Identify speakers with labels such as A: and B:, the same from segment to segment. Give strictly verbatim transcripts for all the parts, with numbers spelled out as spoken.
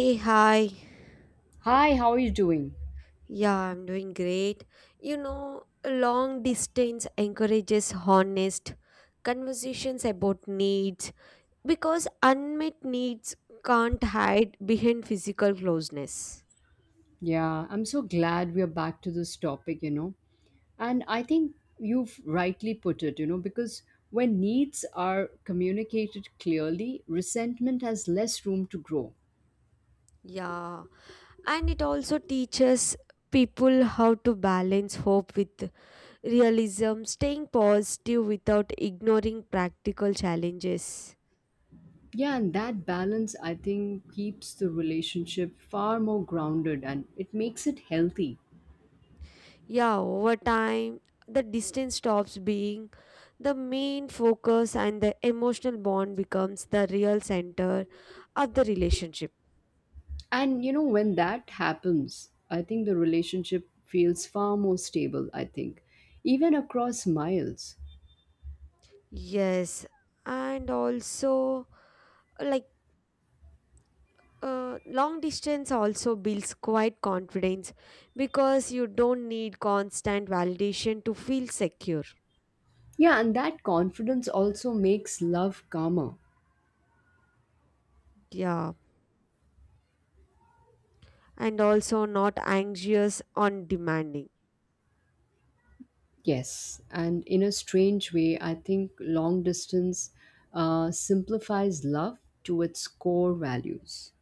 A: Hey, hi.
B: Hi, how are you doing?
A: Yeah, I'm doing great. You know, long distance encourages honest conversations about needs because unmet needs can't hide behind physical closeness.
B: Yeah, I'm so glad we are back to this topic, you know. And I think you've rightly put it, you know, because when needs are communicated clearly, resentment has less room to grow.
A: Yeah, and it also teaches people how to balance hope with realism, staying positive without ignoring practical challenges.
B: Yeah, and that balance, I think, keeps the relationship far more grounded and it makes it healthy.
A: Yeah, over time, the distance stops being the main focus and the emotional bond becomes the real center of the relationship.
B: And, you know, when that happens, I think the relationship feels far more stable, I think, even across miles.
A: Yes, and also, like, uh, long distance also builds quite confidence because you don't need constant validation to feel secure.
B: Yeah, and that confidence also makes love calmer.
A: Yeah, and also not anxious on demanding.
B: Yes, and in a strange way, I think long distance uh, simplifies love to its core values.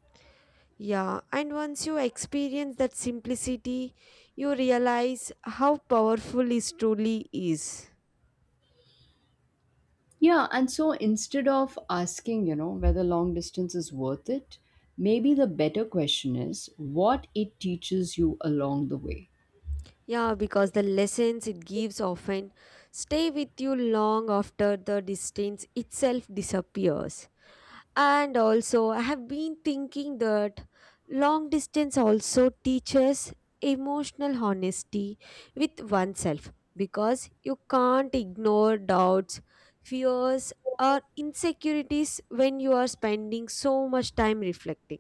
A: Yeah, and once you experience that simplicity, you realize how powerful it truly is.
B: Yeah, and so instead of asking, you know, whether long distance is worth it, maybe the better question is what it teaches you along the way.
A: Yeah, because the lessons it gives often stay with you long after the distance itself disappears. And also, I have been thinking that long distance also teaches emotional honesty with oneself because you can't ignore doubts, fears, or insecurities when you are spending so much time reflecting.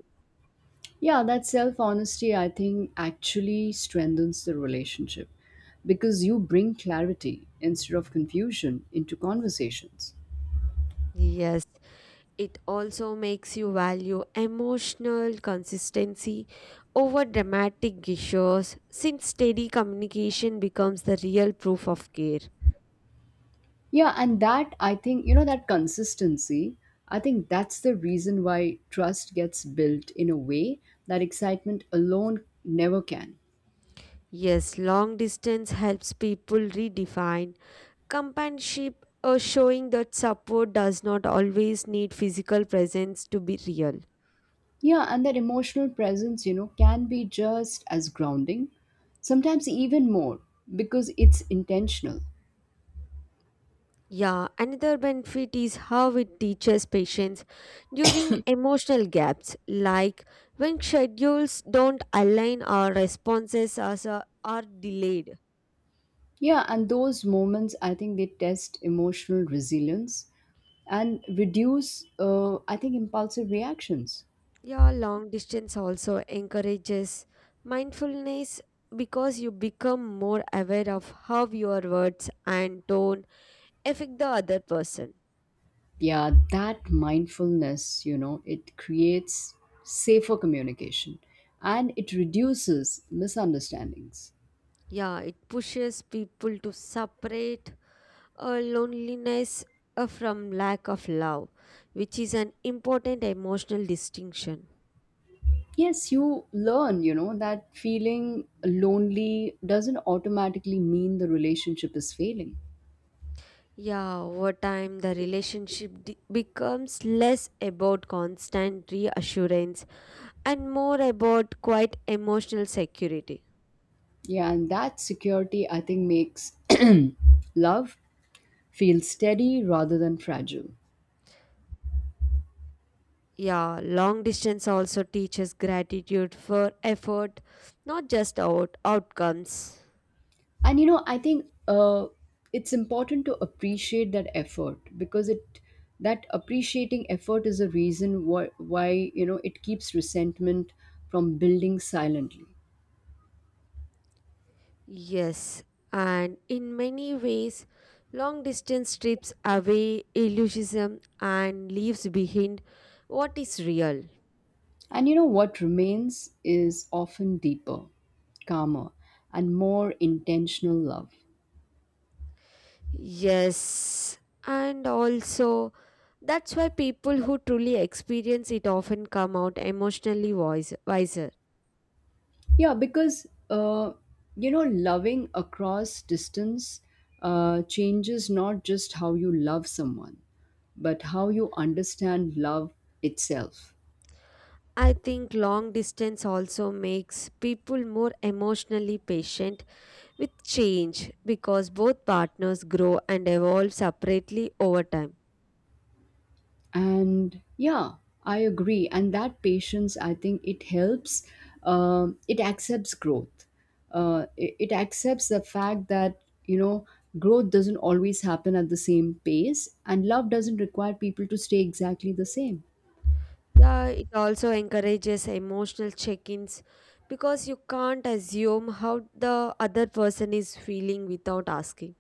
B: Yeah, that self honesty, I think, actually strengthens the relationship because you bring clarity instead of confusion into conversations.
A: Yes, it also makes you value emotional consistency over dramatic gestures since steady communication becomes the real proof of care.
B: Yeah, and that, I think, you know, that consistency, I think that's the reason why trust gets built in a way that excitement alone never can.
A: Yes, long distance helps people redefine companionship, uh, showing that support does not always need physical presence to be real.
B: Yeah, and that emotional presence, you know, can be just as grounding, sometimes even more because it's intentional.
A: Yeah, another benefit is how it teaches patience during emotional gaps, like when schedules don't align or responses are, are delayed.
B: Yeah, and those moments, I think they test emotional resilience and reduce, uh, I think, impulsive reactions.
A: Yeah, long distance also encourages mindfulness because you become more aware of how your words and tone affect the other person.
B: Yeah, that mindfulness, you know, it creates safer communication and it reduces misunderstandings.
A: Yeah, it pushes people to separate uh, loneliness uh, from lack of love, which is an important emotional distinction.
B: Yes, you learn, you know, that feeling lonely doesn't automatically mean the relationship is failing.
A: Yeah, over time, the relationship de- becomes less about constant reassurance and more about quite emotional security.
B: Yeah, and that security, I think, makes love feel steady rather than fragile.
A: Yeah, long distance also teaches gratitude for effort, not just out- outcomes.
B: And you know I think uh, it's important to appreciate that effort because it that appreciating effort is a reason why, why you know it keeps resentment from building silently.
A: Yes, and in many ways, long distance strips away illusionism and leaves behind what is real.
B: And you know what remains is often deeper, calmer, and more intentional love.
A: Yes, and also that's why people who truly experience it often come out emotionally wise- wiser.
B: Yeah, because uh, you know, loving across distance uh, changes not just how you love someone, but how you understand love itself.
A: I think long distance also makes people more emotionally patient with change because both partners grow and evolve separately over time.
B: And yeah, I agree. And that patience, I think, it helps. Um it accepts growth. Uh, it, it accepts the fact that you know growth doesn't always happen at the same pace, and love doesn't require people to stay exactly the same.
A: Yeah, it also encourages emotional check ins because you can't assume how the other person is feeling without asking.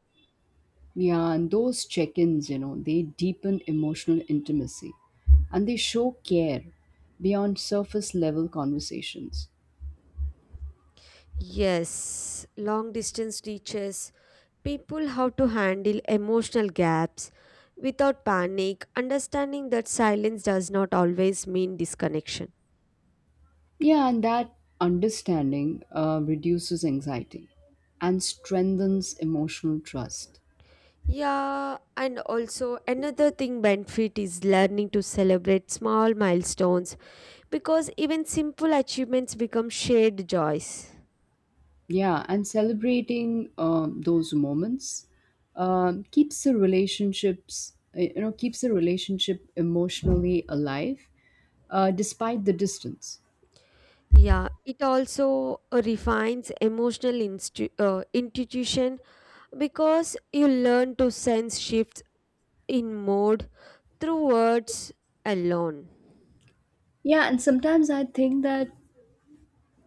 B: Yeah, and those check ins, you know, they deepen emotional intimacy and they show care beyond surface level conversations.
A: Yes, long distance teaches people how to handle emotional gaps without panic, understanding that silence does not always mean disconnection.
B: Yeah, and that understanding uh, reduces anxiety and strengthens emotional trust.
A: Yeah, and also another thing benefit is learning to celebrate small milestones because even simple achievements become shared joys.
B: Yeah, and celebrating um, those moments um, keeps the relationships, uh, you know, keeps the relationship emotionally alive uh, despite the distance.
A: Yeah, it also uh, refines emotional instu- uh, intuition because you learn to sense shifts in mood through words alone.
B: Yeah, and sometimes I think that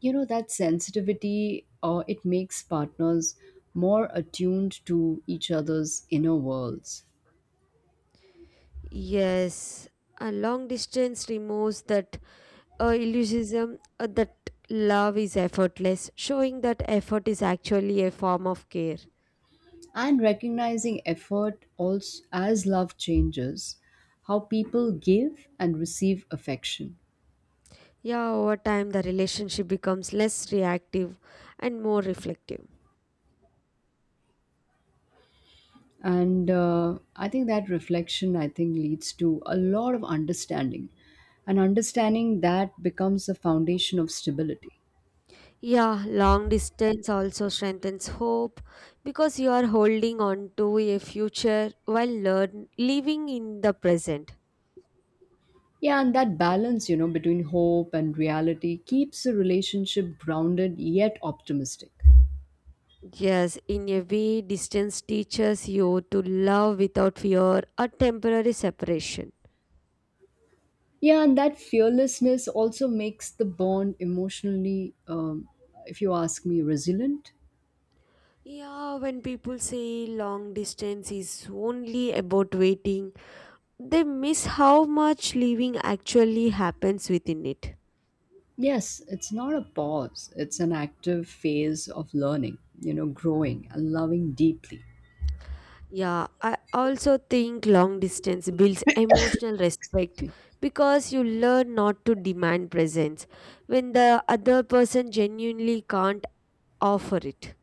B: you know that sensitivity uh, it makes partners more attuned to each other's inner worlds.
A: Yes, a long distance removes that uh, illusionism uh, that love is effortless, showing that effort is actually a form of care.
B: And recognizing effort also as love changes how people give and receive affection.
A: Yeah, over time, the relationship becomes less reactive and more reflective.
B: And uh, i think that reflection, I think, leads to a lot of understanding, and understanding that becomes the foundation of stability.
A: Yeah, long distance also strengthens hope because you are holding on to a future while learn, living in the present.
B: Yeah, and that balance, you know, between hope and reality keeps the relationship grounded yet optimistic.
A: Yes, in a way, distance teaches you to love without fear or temporary separation.
B: Yeah, and that fearlessness also makes the bond emotionally, um, if you ask me, resilient.
A: Yeah, when people say long distance is only about waiting, they miss how much living actually happens within it.
B: Yes, it's not a pause, it's an active phase of learning, you know, growing and loving deeply.
A: Yeah, I also think long distance builds emotional respect because you learn not to demand presence when the other person genuinely can't offer it.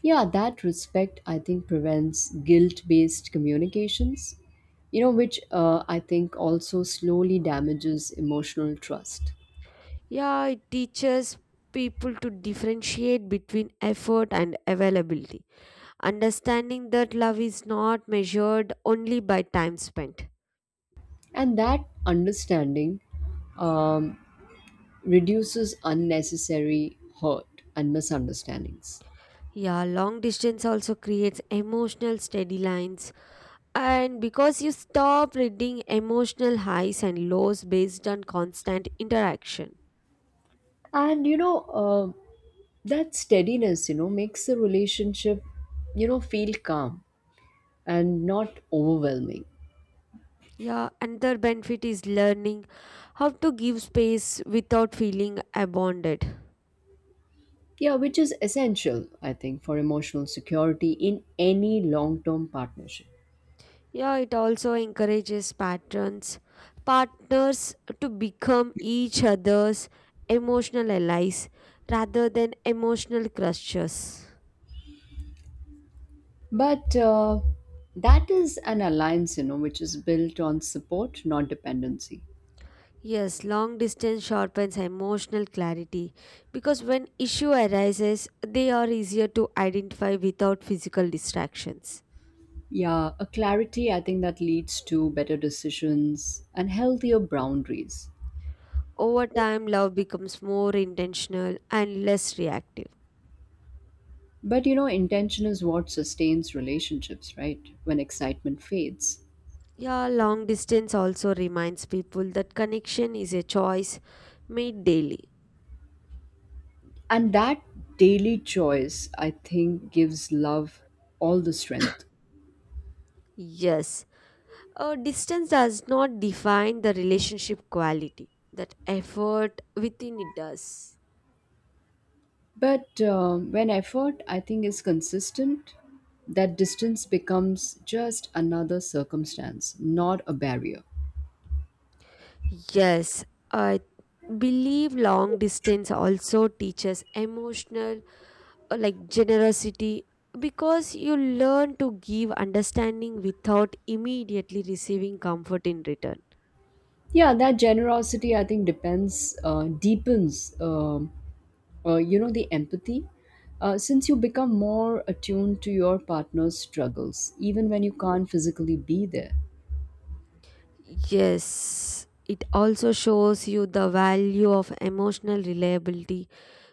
B: Yeah, that respect, I think, prevents guilt based communications, you know, which uh, I think also slowly damages emotional trust.
A: Yeah, it teaches people to differentiate between effort and availability, understanding that love is not measured only by time spent.
B: And that understanding um, reduces unnecessary hurt and misunderstandings.
A: Yeah, long distance also creates emotional steady lines and because you stop reading emotional highs and lows based on constant interaction.
B: And you know, uh, that steadiness, you know, makes the relationship, you know, feel calm and not overwhelming.
A: Yeah, another benefit is learning how to give space without feeling abandoned.
B: Yeah, which is essential, I think, for emotional security in any long term partnership.
A: Yeah, it also encourages patterns, partners to become each other's emotional allies rather than emotional crushes.
B: But uh, that is an alliance, you know, which is built on support, not dependency.
A: Yes, long distance sharpens emotional clarity because when issue arises, they are easier to identify without physical distractions.
B: Yeah, a clarity I think that leads to better decisions and healthier boundaries.
A: Over time, love becomes more intentional and less reactive.
B: But you know, intention is what sustains relationships, right? When excitement fades.
A: Yeah, long distance also reminds people that connection is a choice made daily.
B: And that daily choice, I think, gives love all the strength.
A: Yes, uh, distance does not define the relationship quality, that effort within it does.
B: But um, when effort, I think, is consistent, that distance becomes just another circumstance, not a barrier.
A: Yes, I believe long distance also teaches emotional, uh, like generosity, because you learn to give understanding without immediately receiving comfort in return.
B: Yeah, that generosity, I think, depends, uh, deepens. um uh, you know the empathy, uh, since you become more attuned to your partner's struggles even when you can't physically be there.
A: Yes, it also shows you the value of emotional reliability,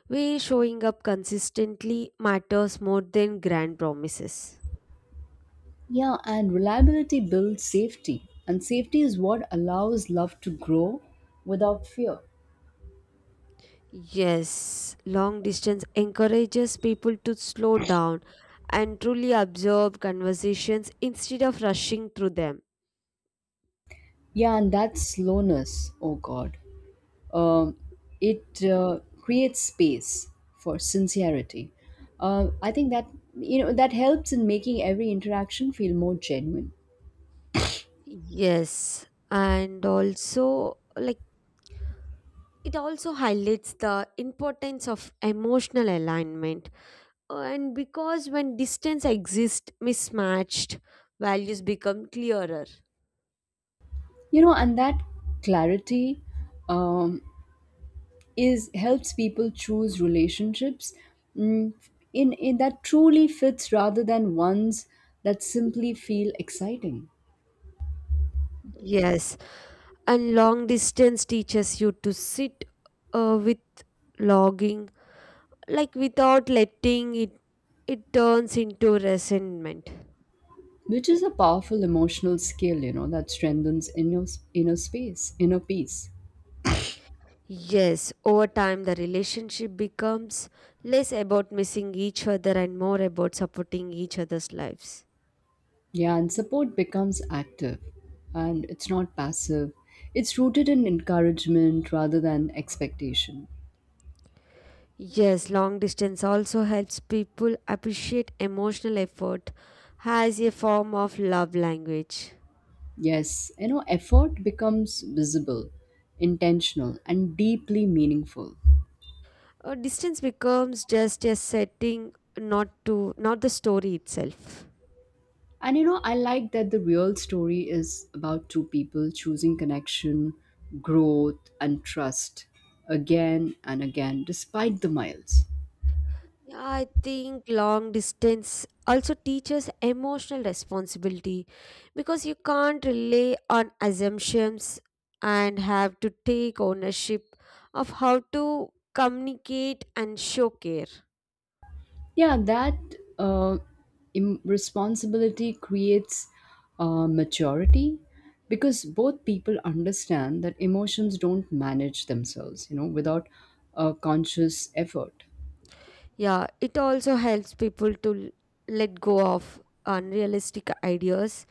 A: where showing up consistently matters more than grand promises.
B: Yeah and reliability builds safety, and safety is what allows love to grow without fear.
A: Yes, long distance encourages people to slow down and truly observe conversations instead of rushing through them.
B: Yeah, and that slowness, oh god, um, it uh, creates space for sincerity. Uh, i think that you know that helps in making every interaction feel more genuine.
A: Yes, and also like it also highlights the importance of emotional alignment. And because when distance exists mismatched, values become clearer.
B: You know and that clarity, um, is helps people choose relationships, mm, in, in that truly fits rather than ones that simply feel exciting,
A: Yes, and long distance teaches you to sit uh, with logging like without letting it it turns into resentment.
B: which is a powerful emotional skill, you know that strengthens inner inner space, inner peace.
A: Yes, over time the relationship becomes less about missing each other and more about supporting each other's lives.
B: Yeah and support becomes active, and it's not passive. It's rooted in encouragement rather than expectation.
A: Yes, long distance also helps people appreciate emotional effort as a form of love language.
B: Yes, you know effort becomes visible, intentional, and deeply meaningful.
A: A distance becomes just a setting, not to not the story itself.
B: And you know, I like that the real story is about two people choosing connection, growth, and trust again and again, despite the miles.
A: Yeah, I think long distance also teaches emotional responsibility because you can't rely on assumptions and have to take ownership of how to communicate and show care.
B: Yeah, that uh, im- responsibility creates uh, maturity because both people understand that emotions don't manage themselves, you know, without a conscious effort.
A: Yeah, it also helps people to l- let go of unrealistic ideas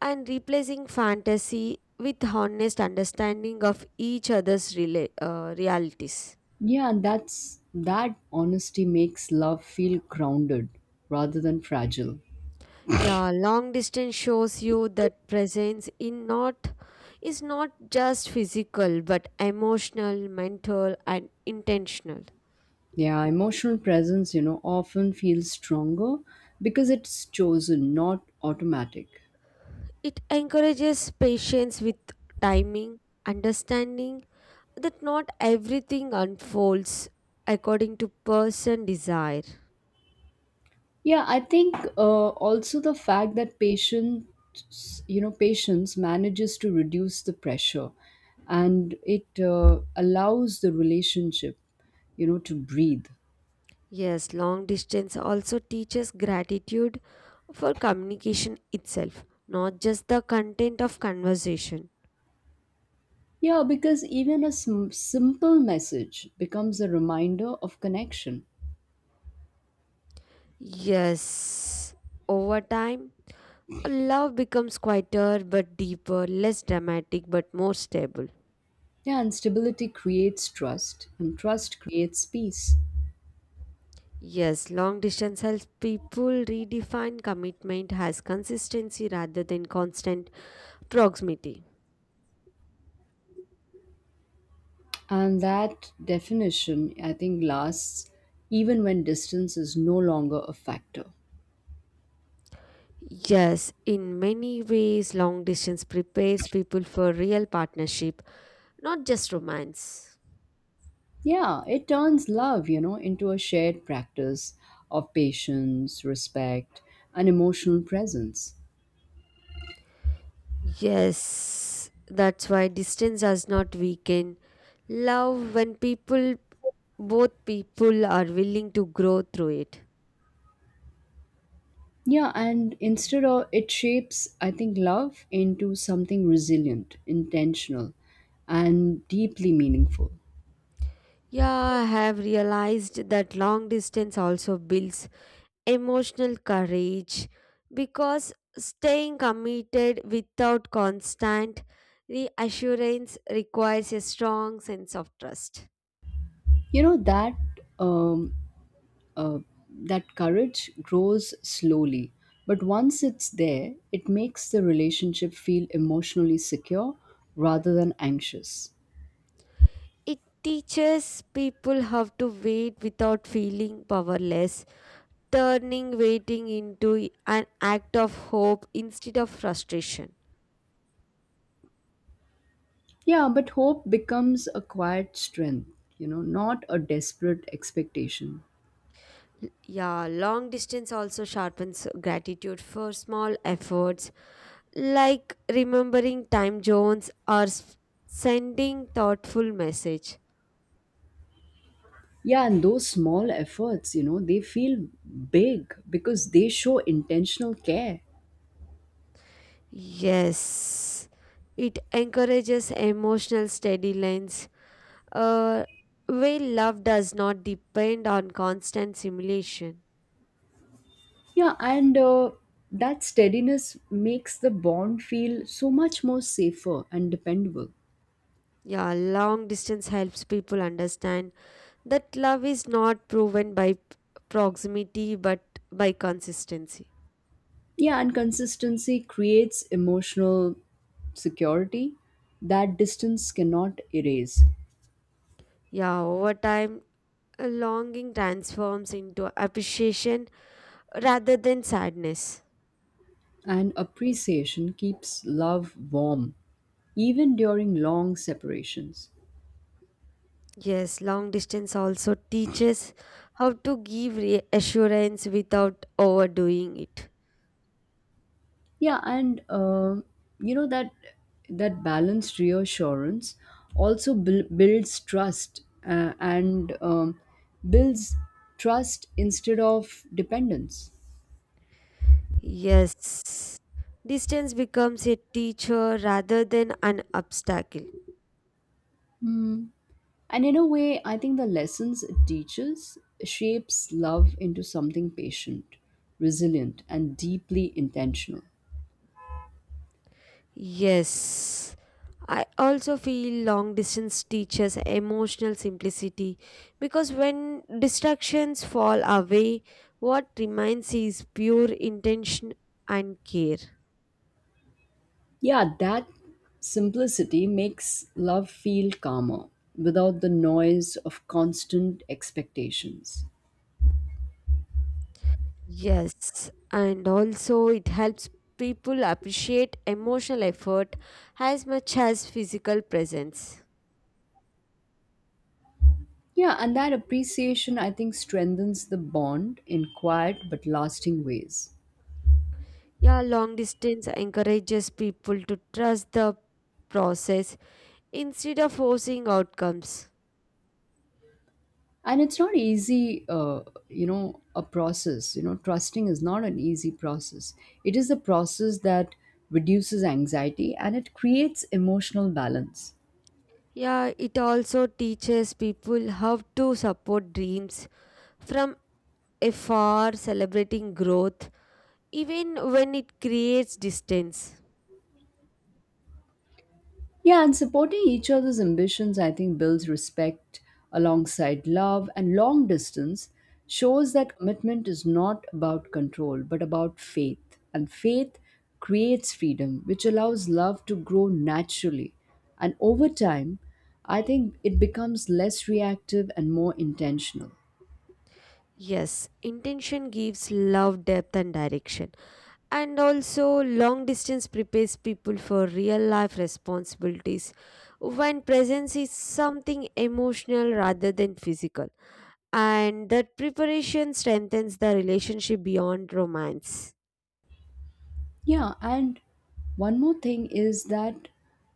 A: and replacing fantasy with honest understanding of each other's rela- uh, realities.
B: Yeah, that's that honesty makes love feel grounded rather than fragile.
A: Yeah, long distance shows you that presence in not is not just physical but emotional, mental and intentional.
B: Yeah, emotional presence, you know, often feels stronger because it's chosen, not automatic.
A: It encourages patience with timing, understanding that not everything unfolds according to person desire.
B: Yeah, I think uh, also the fact that patients, you know, patience manages to reduce the pressure, and it uh, allows the relationship, you know, to breathe.
A: Yes, long distance also teaches gratitude for communication itself, not just the content of conversation.
B: Yeah, because even a sim- simple message becomes a reminder of connection.
A: Yes, over time love becomes quieter but deeper, less dramatic but more stable.
B: Yeah, and stability creates trust, and trust creates peace.
A: Yes, long distance helps people redefine commitment as consistency rather than constant proximity.
B: And that definition, I think, lasts even when distance is no longer a factor.
A: Yes, in many ways, long distance prepares people for real partnership, not just romance.
B: Yeah, it turns love, you know, into a shared practice of patience, respect, and emotional presence.
A: Yes, that's why distance does not weaken love when people, both people are willing to grow through it.
B: Yeah, and instead of it shapes, I think, love into something resilient, intentional, and deeply meaningful.
A: Yeah, I have realized that long distance also builds emotional courage because staying committed without constant reassurance requires a strong sense of trust.
B: You know, that um, uh, that courage grows slowly. But once it's there, it makes the relationship feel emotionally secure rather than anxious.
A: It teaches people how to wait without feeling powerless, turning waiting into an act of hope instead of frustration.
B: Yeah, but hope becomes a quiet strength, you know, not a desperate expectation.
A: Yeah, long distance also sharpens gratitude for small efforts, like remembering time zones or s- sending thoughtful message.
B: Yeah, and those small efforts, you know, they feel big because they show intentional care.
A: Yes, it encourages emotional steady lines, Uh, where love does not depend on constant simulation.
B: Yeah, and uh, that steadiness makes the bond feel so much more safer and dependable.
A: Yeah, long distance helps people understand that love is not proven by p- proximity but by consistency.
B: Yeah, and consistency creates emotional security that distance cannot erase.
A: Yeah, over time, a longing transforms into appreciation rather than sadness.
B: And appreciation keeps love warm, even during long separations.
A: Yes, long distance also teaches how to give reassurance without overdoing it.
B: Yeah, and uh, you know that that balanced reassurance also buil- builds trust uh, and um, builds trust instead of dependence.
A: Yes, distance becomes a teacher rather than an obstacle.
B: And in a way, I think the lessons it teaches shapes love into something patient, resilient, and deeply intentional.
A: Yes, I also feel long distance teaches emotional simplicity because when distractions fall away, what remains is pure intention and care.
B: Yeah, that simplicity makes love feel calmer without the noise of constant expectations.
A: Yes, and also it helps people appreciate emotional effort as much as physical presence.
B: Yeah, and that appreciation, I think, strengthens the bond in quiet but lasting ways.
A: Yeah, long distance encourages people to trust the process instead of forcing outcomes.
B: And it's not easy, uh, you know a process, you know trusting is not an easy process. It is a process that reduces anxiety and it creates emotional balance.
A: Yeah, it also teaches people how to support dreams from afar, celebrating growth, even when it creates distance.
B: Yeah, and supporting each other's ambitions, I think, builds respect alongside love. And long distance shows that commitment is not about control, but about faith. And faith creates freedom, which allows love to grow naturally. And over time, I think it becomes less reactive and more intentional.
A: Yes, intention gives love depth and direction. And also, long distance prepares people for real life responsibilities when presence is something emotional rather than physical. And that preparation strengthens the relationship beyond romance.
B: Yeah, and one more thing is that,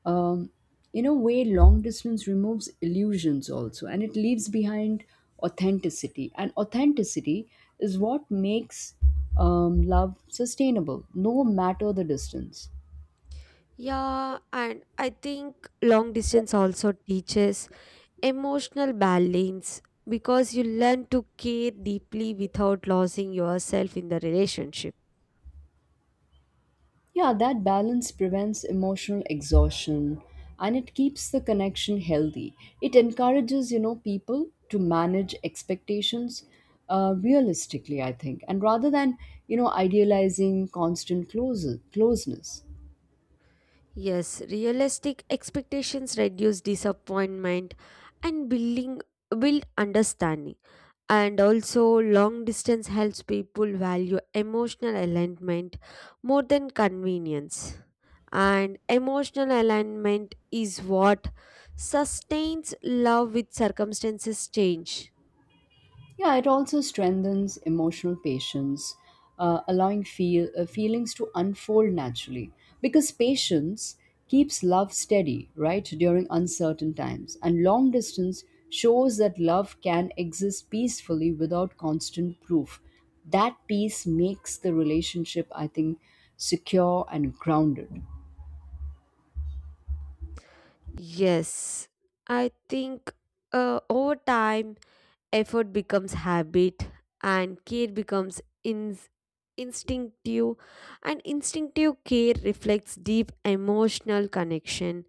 B: um, in a way, long distance removes illusions also, and it leaves behind authenticity. And authenticity is what makes um, love sustainable, no matter the distance.
A: Yeah, and I think long distance also teaches emotional balance because you learn to care deeply without losing yourself in the relationship.
B: Yeah, that balance prevents emotional exhaustion and it keeps the connection healthy. It encourages, you know, people to manage expectations uh, realistically, I think, and rather than, you know, idealizing constant close- closeness.
A: Yes, realistic expectations reduce disappointment and building build understanding. And also long distance helps people value emotional alignment more than convenience. And emotional alignment is what sustains love with circumstances change.
B: Yeah, it also strengthens emotional patience, uh, allowing feel, uh, feelings to unfold naturally. Because patience keeps love steady, right, during uncertain times. And long distance shows that love can exist peacefully without constant proof. That peace makes the relationship, I think, secure and grounded.
A: Yes, I think uh, over time effort becomes habit and care becomes ins instinctive, and instinctive care reflects deep emotional connection.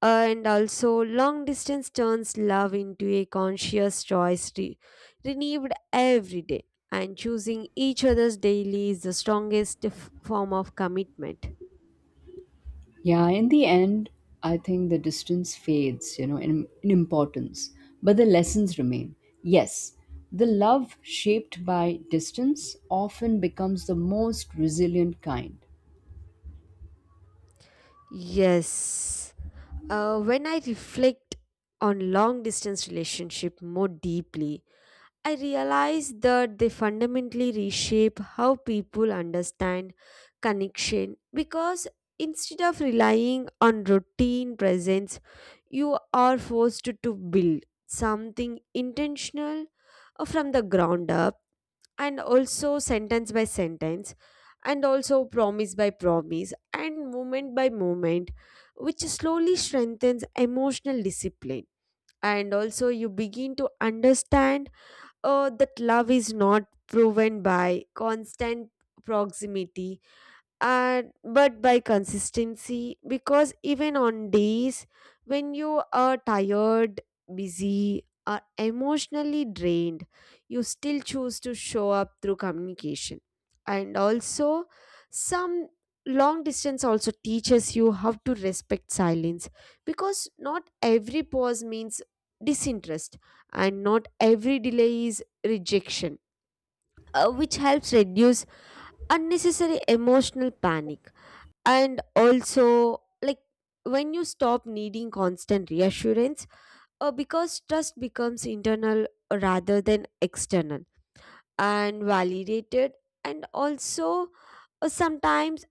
A: And also long distance turns love into a conscious choice re- renewed every day, and choosing each other's daily is the strongest f- form of commitment.
B: Yeah, in the end, I think the distance fades, you know, in, in importance, but the lessons remain. Yes, the love shaped by distance often becomes the most resilient kind.
A: Yes. Uh, when I reflect on long distance relationship more deeply, I realize that they fundamentally reshape how people understand connection, because instead of relying on routine presence, you are forced to build something intentional uh, from the ground up, and also sentence by sentence, and also promise by promise and moment by moment, which slowly strengthens emotional discipline. And also you begin to understand uh, that love is not proven by constant proximity and but by consistency, because even on days when you are tired, busy or emotionally drained, you still choose to show up through communication. And also some long distance also teaches you how to respect silence, because not every pause means disinterest and not every delay is rejection, uh, which helps reduce unnecessary emotional panic. And also, like, when you stop needing constant reassurance, uh, because trust becomes internal rather than external and validated. And also, uh, sometimes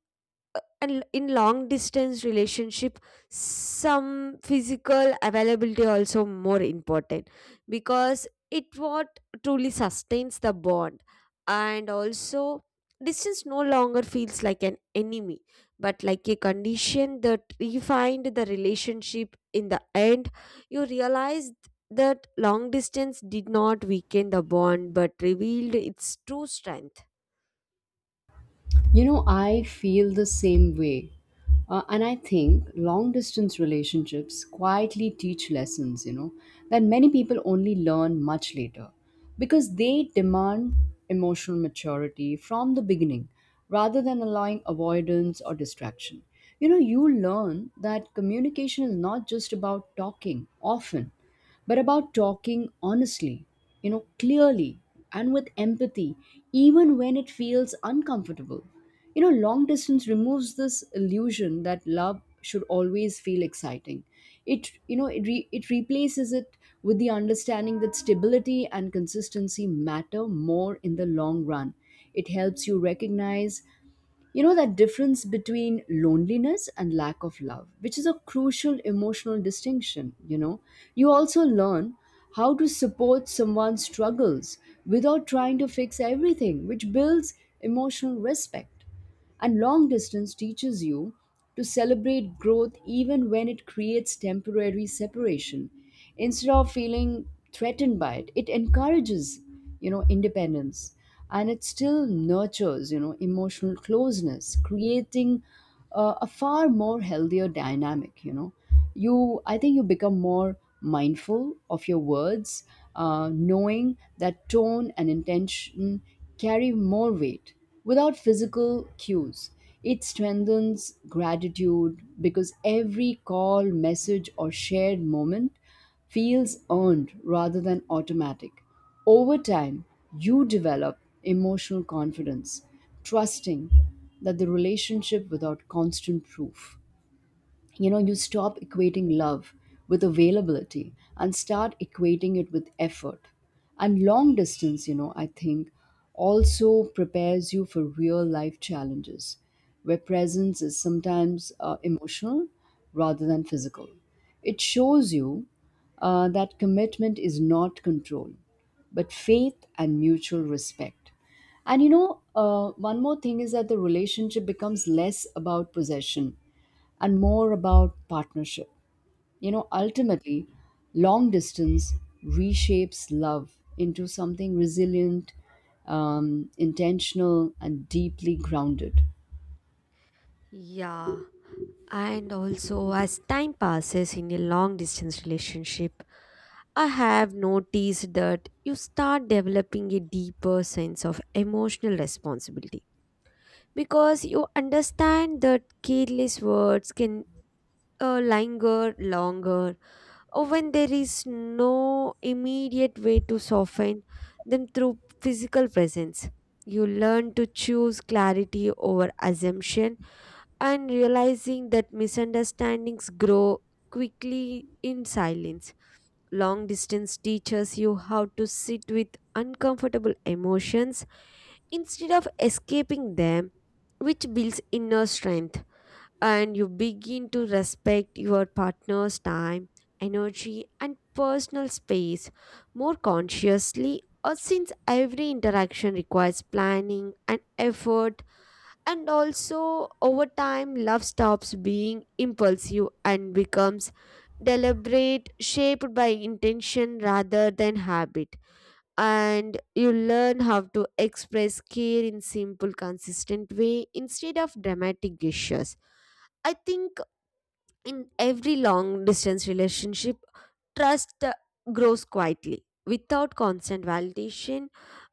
A: and in long distance relationship, some physical availability also more important, because it what truly sustains the bond. And also, distance no longer feels like an enemy but like a condition that refined the relationship. In the end, you realize that long distance did not weaken the bond but revealed its true strength.
B: You know, I feel the same way. Uh, and I think long distance relationships quietly teach lessons, you know, that many people only learn much later because they demand emotional maturity from the beginning rather than allowing avoidance or distraction. You know, you learn that communication is not just about talking often, but about talking honestly, you know, clearly and with empathy, even when it feels uncomfortable. You know, long distance removes this illusion that love should always feel exciting. It, you know, it, re- it replaces it with the understanding that stability and consistency matter more in the long run. It helps you recognize you know that difference between loneliness and lack of love, which is a crucial emotional distinction, you know. You also learn how to support someone's struggles without trying to fix everything, which builds emotional respect. And long distance teaches you to celebrate growth even when it creates temporary separation instead of feeling threatened by it. It encourages, you know independence, and it still nurtures, you know emotional closeness, creating uh, a far more healthier dynamic. You know you i think you become more mindful of your words, uh, knowing that tone and intention carry more weight without physical cues. It strengthens gratitude because every call, message, or shared moment feels earned rather than automatic. Over time, you develop emotional confidence, trusting that the relationship without constant proof. You know you stop equating love with availability and start equating it with effort. And long distance, you know i think also prepares you for real life challenges where presence is sometimes uh, emotional rather than physical. It shows you uh, that commitment is not control, but faith and mutual respect. And you know uh, one more thing is that the relationship becomes less about possession and more about partnership. You know, ultimately, long distance reshapes love into something resilient, um, intentional, and deeply grounded.
A: Yeah, And also, as time passes in a long distance relationship, I have noticed that you start developing a deeper sense of emotional responsibility because you understand that careless words can uh, linger longer or when there is no immediate way to soften them through physical presence. You learn to choose clarity over assumption and realizing that misunderstandings grow quickly in silence. Long distance teaches you how to sit with uncomfortable emotions instead of escaping them, which builds inner strength. And you begin to respect your partner's time, energy, and personal space more consciously. Or since every interaction requires planning and effort and also, over time, love stops being impulsive and becomes deliberate, shaped by intention rather than habit. And you learn how to express care in simple, consistent way instead of dramatic gestures. I think in every long distance relationship, trust uh, grows quietly without constant validation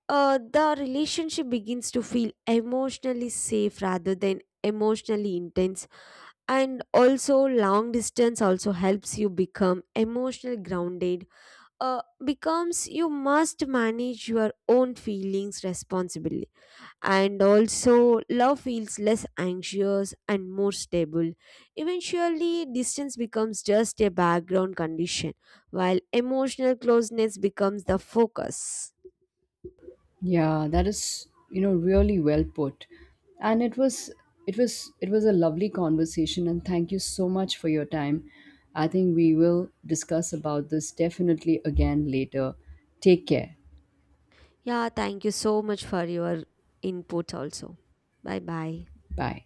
A: uh, the relationship begins to feel emotionally safe rather than emotionally intense and also long distance also helps you become emotionally grounded uh, becomes you must manage your own feelings responsibly and also love feels less anxious and more stable eventually distance becomes just a background condition while emotional closeness becomes the focus
B: Yeah, that is, you know, really well put. And it was it was it was a lovely conversation, and thank you so much for your time. I think we will discuss about this definitely again later. Take care.
A: Yeah, thank you so much for your input also. Bye bye.
B: Bye.